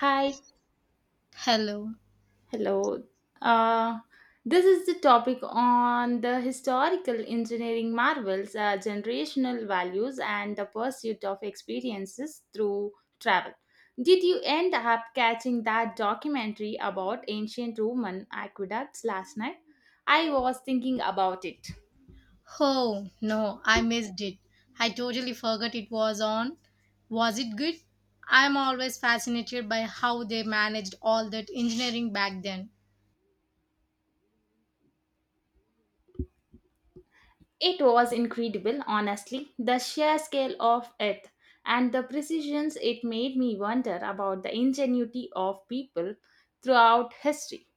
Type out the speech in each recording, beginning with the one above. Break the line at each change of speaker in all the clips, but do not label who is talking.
Hi,
Hello.
hello. Uh, this is the topic on the historical engineering marvels, generational values, and the pursuit of experiences through travel. Did you end up catching that documentary about ancient Roman aqueducts last night? I was thinking about it.
Oh, no, I missed it. I totally forgot it was on. Was it good? I'm always fascinated by how they managed all that engineering back then.
It was incredible, honestly, the sheer scale of it and the precisions it made me wonder about the ingenuity of people throughout history.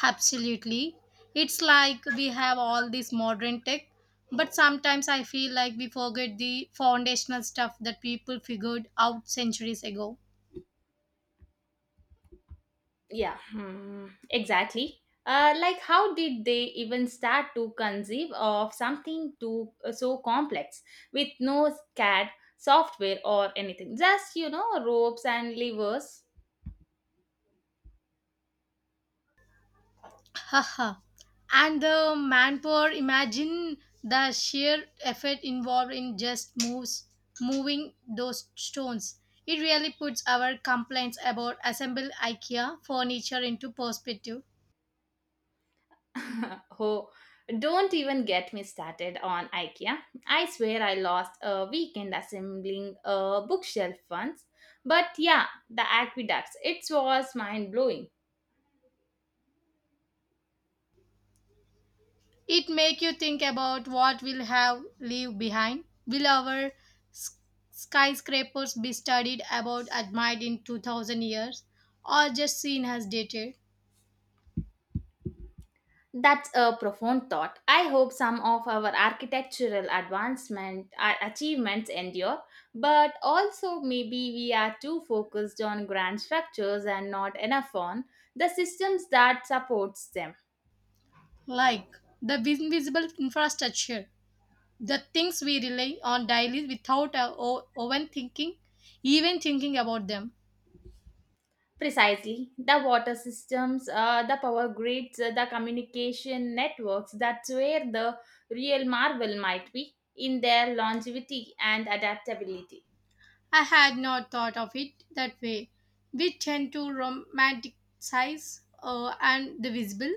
Absolutely. It's like we have all this modern tech, but sometimes I feel like we forget the foundational stuff that people figured out centuries ago.
Yeah, hmm, exactly. How did they even start to conceive of something too so complex with no CAD software or anything? Just ropes and levers.
Haha. And the manpower, imagine the sheer effort involved in just moves moving those stones. It really puts our complaints about assembled IKEA furniture into perspective.
Oh, don't even get me started on IKEA. I swear I lost a weekend assembling a bookshelf once. But yeah, the aqueducts, it was mind blowing.
It make you think about what we'll have leave behind. Will our s- skyscrapers be studied about admired in 2000 years or just seen as dated?
That's a profound thought. I hope some of our architectural advancement achievements endure, but also maybe we are too focused on grand structures and not enough on the systems that supports them.
Like the invisible infrastructure, the things we rely on daily without even thinking about them.
Precisely. The water systems, the power grids, the communication networks, that's where the real marvel might be in their longevity and adaptability.
I had not thought of it that way. We tend to romanticize and the visible,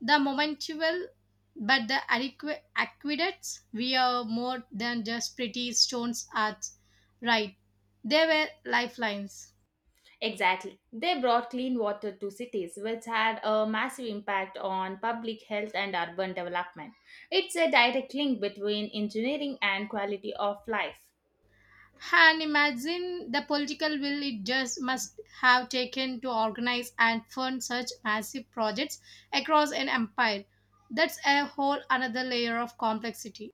the momentual, but the adequate aqueducts we are more than just pretty stones arts, right? They were lifelines.
Exactly. They brought clean water to cities, which had a massive impact on public health and urban development. It's a direct link between engineering and quality of life.
And imagine the political will it just must have taken to organize and fund such massive projects across an empire. That's a whole another layer of complexity.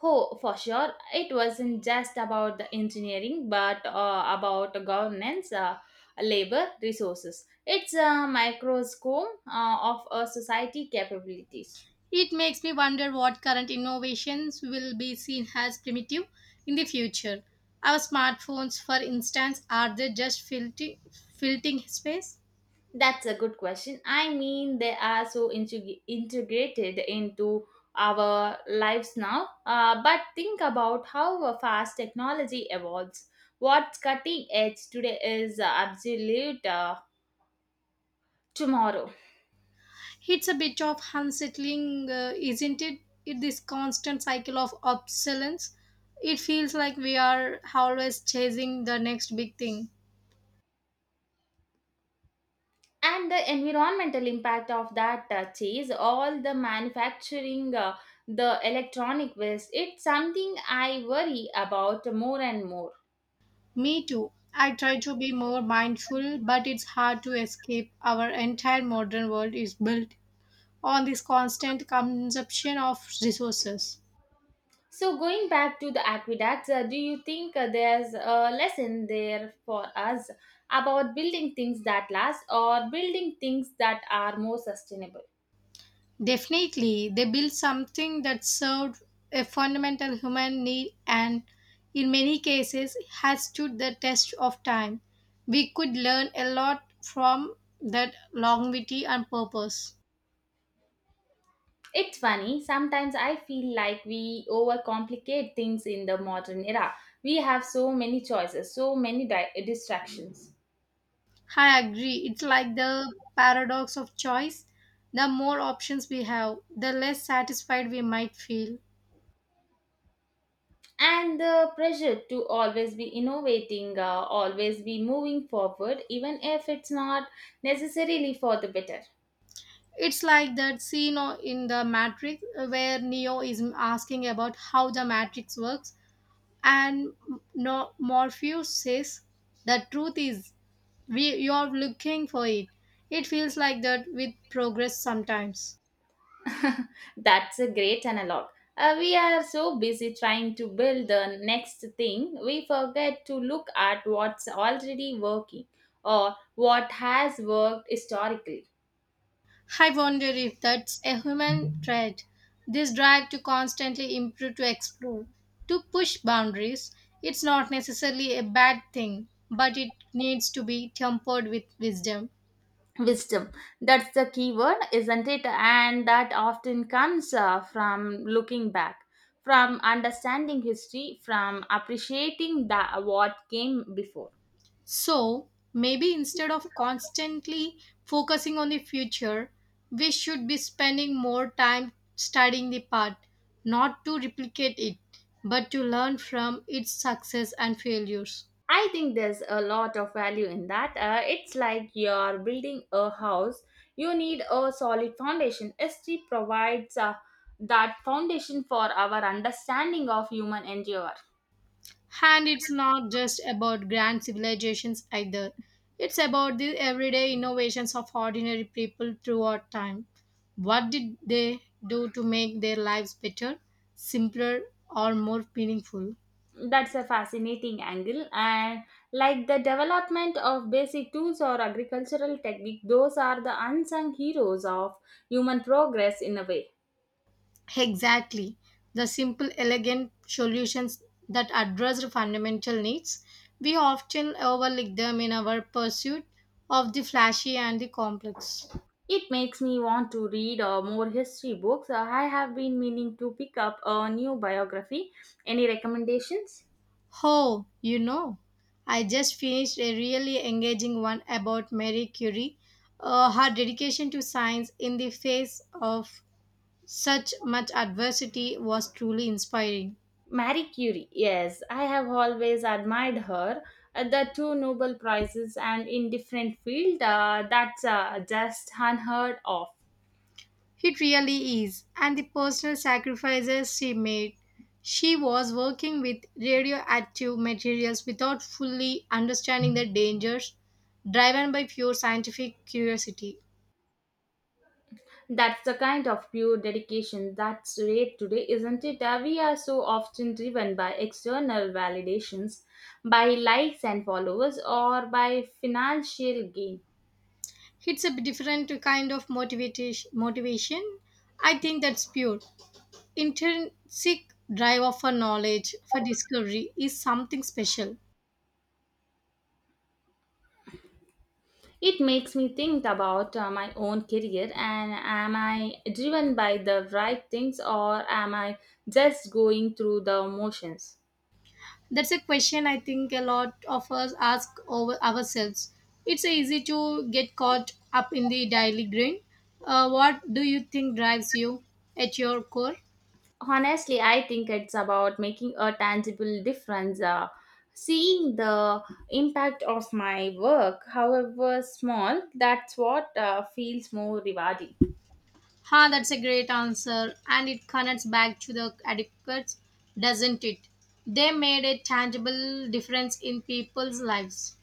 Oh, for sure. It wasn't just about the engineering, but about governance, labor, resources. It's a microscope of a society capabilities.
It makes me wonder what current innovations will be seen as primitive in the future. Our smartphones, for instance, are they just filling space?
That's a good question. I mean, they are so integrated into our lives now. But think about how fast technology evolves. What's cutting edge today is absolute tomorrow.
It's a bit of unsettling, isn't it? It this constant cycle of obsolescence. It feels like we are always chasing the next big thing.
And the environmental impact of that chase, all the manufacturing, the electronic waste, it's something I worry about more and more.
Me too. I try to be more mindful, but it's hard to escape. Our entire modern world is built on this constant consumption of resources.
So going back to the aqueducts, do you think there's a lesson there for us about building things that last or building things that are more sustainable?
Definitely, they built something that served a fundamental human need and, in many cases, has stood the test of time. We could learn a lot from that longevity and purpose.
It's funny, sometimes I feel like we overcomplicate things in the modern era. We have so many choices, so many distractions.
I agree. It's like the paradox of choice. The more options we have, the less satisfied we might feel.
And the pressure to always be innovating, always be moving forward even if it's not necessarily for the better.
It's like that scene in The Matrix, where Neo is asking about how the Matrix works. And no, Morpheus says, the truth is, we, you're looking for it. It feels like that with progress sometimes.
That's a great analog. We are so busy trying to build the next thing we forget to look at what's already working, or what has worked historically.
I wonder if that's a human trait. This drive to constantly improve, to explore, to push boundaries. It's not necessarily a bad thing, but it needs to be tempered with wisdom.
Wisdom, that's the key word, isn't it? And that often comes from looking back, from understanding history, from appreciating the what came before.
So, maybe instead of constantly focusing on the future, we should be spending more time studying the past, not to replicate it, but to learn from its success and failures.
I think there's a lot of value in that. Uh, it's like you're building a house, you need a solid foundation. History provides that foundation for our understanding of human endeavor.
And it's not just about grand civilizations either. It's about the everyday innovations of ordinary people throughout time. What did they do to make their lives better, simpler, or more meaningful?
That's a fascinating angle. And like the development of basic tools or agricultural technique, those are the unsung heroes of human progress in a way.
Exactly. The simple, elegant solutions that address fundamental needs, we often overlook them in our pursuit of the flashy and the complex.
It makes me want to read more history books. I have been meaning to pick up a new biography. Any recommendations?
Oh, you know, I just finished a really engaging one about Marie Curie, her dedication to science in the face of such much adversity was truly inspiring.
Marie Curie, yes, I have always admired her. The two Nobel Prizes and in different fields, that's just unheard of.
It really is, and the personal sacrifices she made. She was working with radioactive materials without fully understanding the dangers, driven by pure scientific curiosity.
That's the kind of pure dedication that's rare today, isn't it? We are so often driven by external validations, by likes and followers, or by financial gain.
It's a different kind of motivation. I think that's pure. Intrinsic drive of for knowledge, for discovery, is something special.
It makes me think about my own career, and am I driven by the right things or am I just going through the motions?
That's a question I think a lot of us ask over ourselves. It's easy to get caught up in the daily grind. What do you think drives you at your core?
Honestly, I think it's about making a tangible difference, seeing the impact of my work, however small. That's what feels more rewarding.
Ha, that's a great answer, and it connects back to the adequates, doesn't it? They made a tangible difference in people's lives.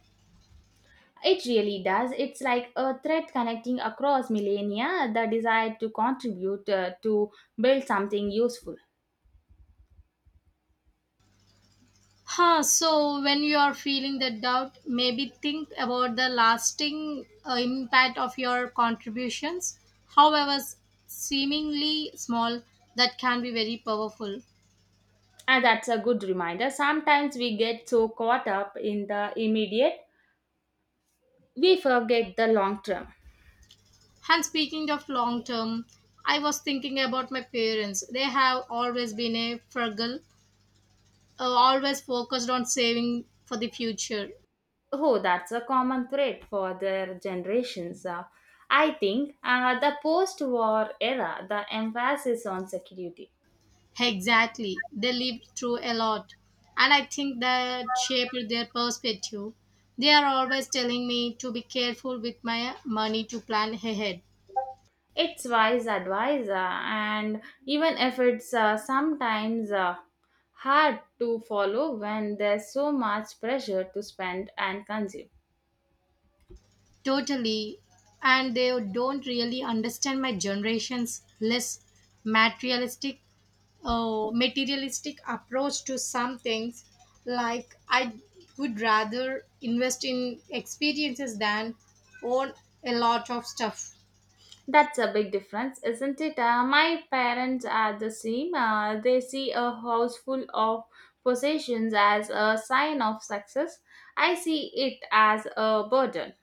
It really does. It's like a thread connecting across millennia, the desire to contribute, to build something useful.
Huh, so when you are feeling that doubt, maybe think about the lasting impact of your contributions, however seemingly small, that can be very powerful.
And that's a good reminder. Sometimes we get so caught up in the immediate we forget the long term.
And speaking of long term, I was thinking about my parents. They have always been a frugal, always focused on saving for the future.
Oh, that's a common thread for their generations. I think the post-war era, the emphasis on security,
Exactly. They lived through a lot. And I think that shaped their perspective. They are always telling me to be careful with my money to plan ahead.
it's wise advisor, and even if it's sometimes hard to follow when there's so much pressure to spend and consume.
Totally. And they don't really understand my generation's less materialistic materialistic approach to some things, like I would rather invest in experiences than own a lot of stuff.
That's a big difference, isn't it? My parents are the same. They see a house full of possessions as a sign of success. I see it as a burden.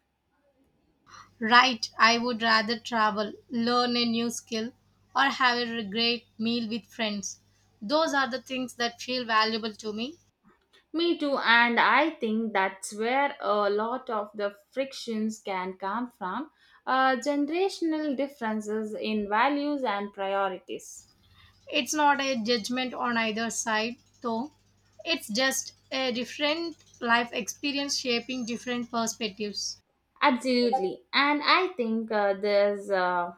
Right, I would rather travel, learn a new skill, or have a great meal with friends. Those are the things that feel valuable to me.
Me too, and I think that's where a lot of the frictions can come from, generational differences in values and priorities.
It's not a judgment on either side, though. It's just a different life experience shaping different perspectives.
Absolutely, and I think there's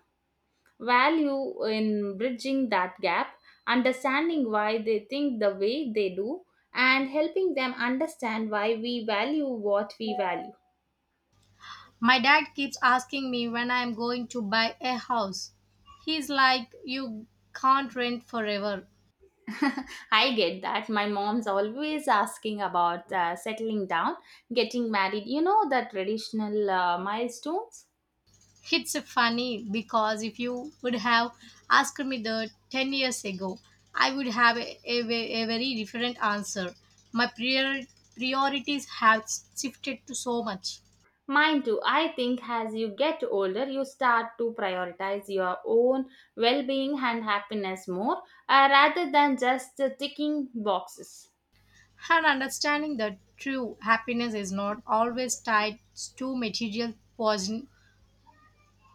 value in bridging that gap, understanding why they think the way they do, and helping them understand why we value what we value.
My dad keeps asking me when I'm going to buy a house. He's like, you can't rent forever.
I get that. My mom's always asking about settling down, getting married, you know, the traditional milestones.
It's funny because if you would have asked me that 10 years ago, I would have a very different answer. My priorities have shifted to so much.
Mine too. I think as you get older, you start to prioritize your own well being and happiness more, rather than just ticking boxes.
And understanding that true happiness is not always tied to material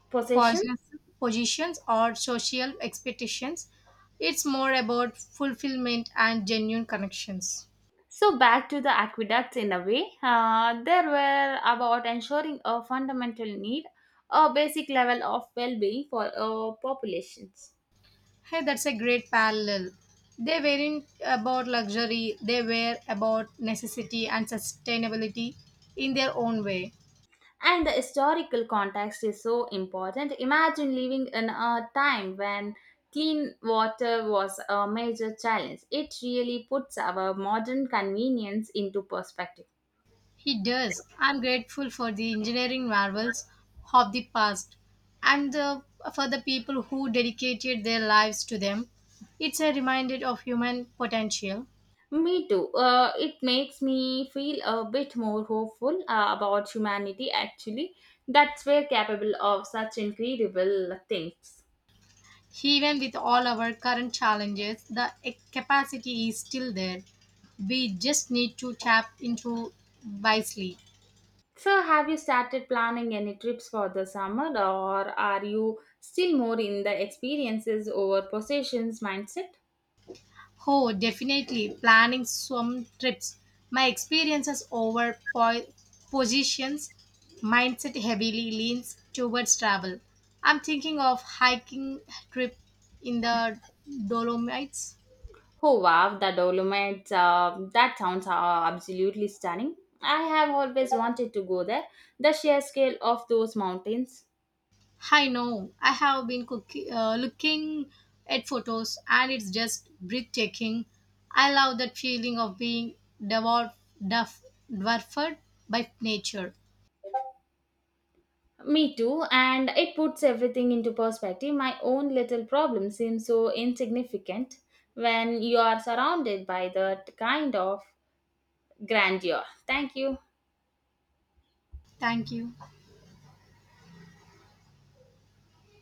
Possessions.
posi- positions or social expectations, it's more about fulfillment and genuine connections.
So back to the aqueducts in a way, there were about ensuring a fundamental need, a basic level of well-being for populations.
Hey, that's a great parallel. They weren't about luxury, they were about necessity and sustainability in their own way.
And the historical context is so important. Imagine living in a time when clean water was a major challenge. It really puts our modern convenience into perspective.
He does. I'm grateful for the engineering marvels of the past and the, for the people who dedicated their lives to them. It's a reminder of human potential.
Me too. It makes me feel a bit more hopeful about humanity, actually. That's we're capable of such incredible things.
Even with all our current challenges, the capacity is still there. We just need to tap into wisely.
So, have you started planning any trips for the summer, or are you still more in the experiences over possessions mindset?
Oh, definitely. Planning some trips. My experiences over positions mindset heavily leans towards travel. I'm thinking of hiking trip in the Dolomites.
Oh wow, the Dolomites! That sounds absolutely stunning. I have always wanted to go there. The sheer scale of those mountains.
I know. I have been looking at photos and it's just breathtaking. I love that feeling of being devoured, dwarf- dwarfed by nature.
Me too, and it puts everything into perspective. My own little problem seems so insignificant when you are surrounded by that kind of grandeur. Thank you.
Thank you.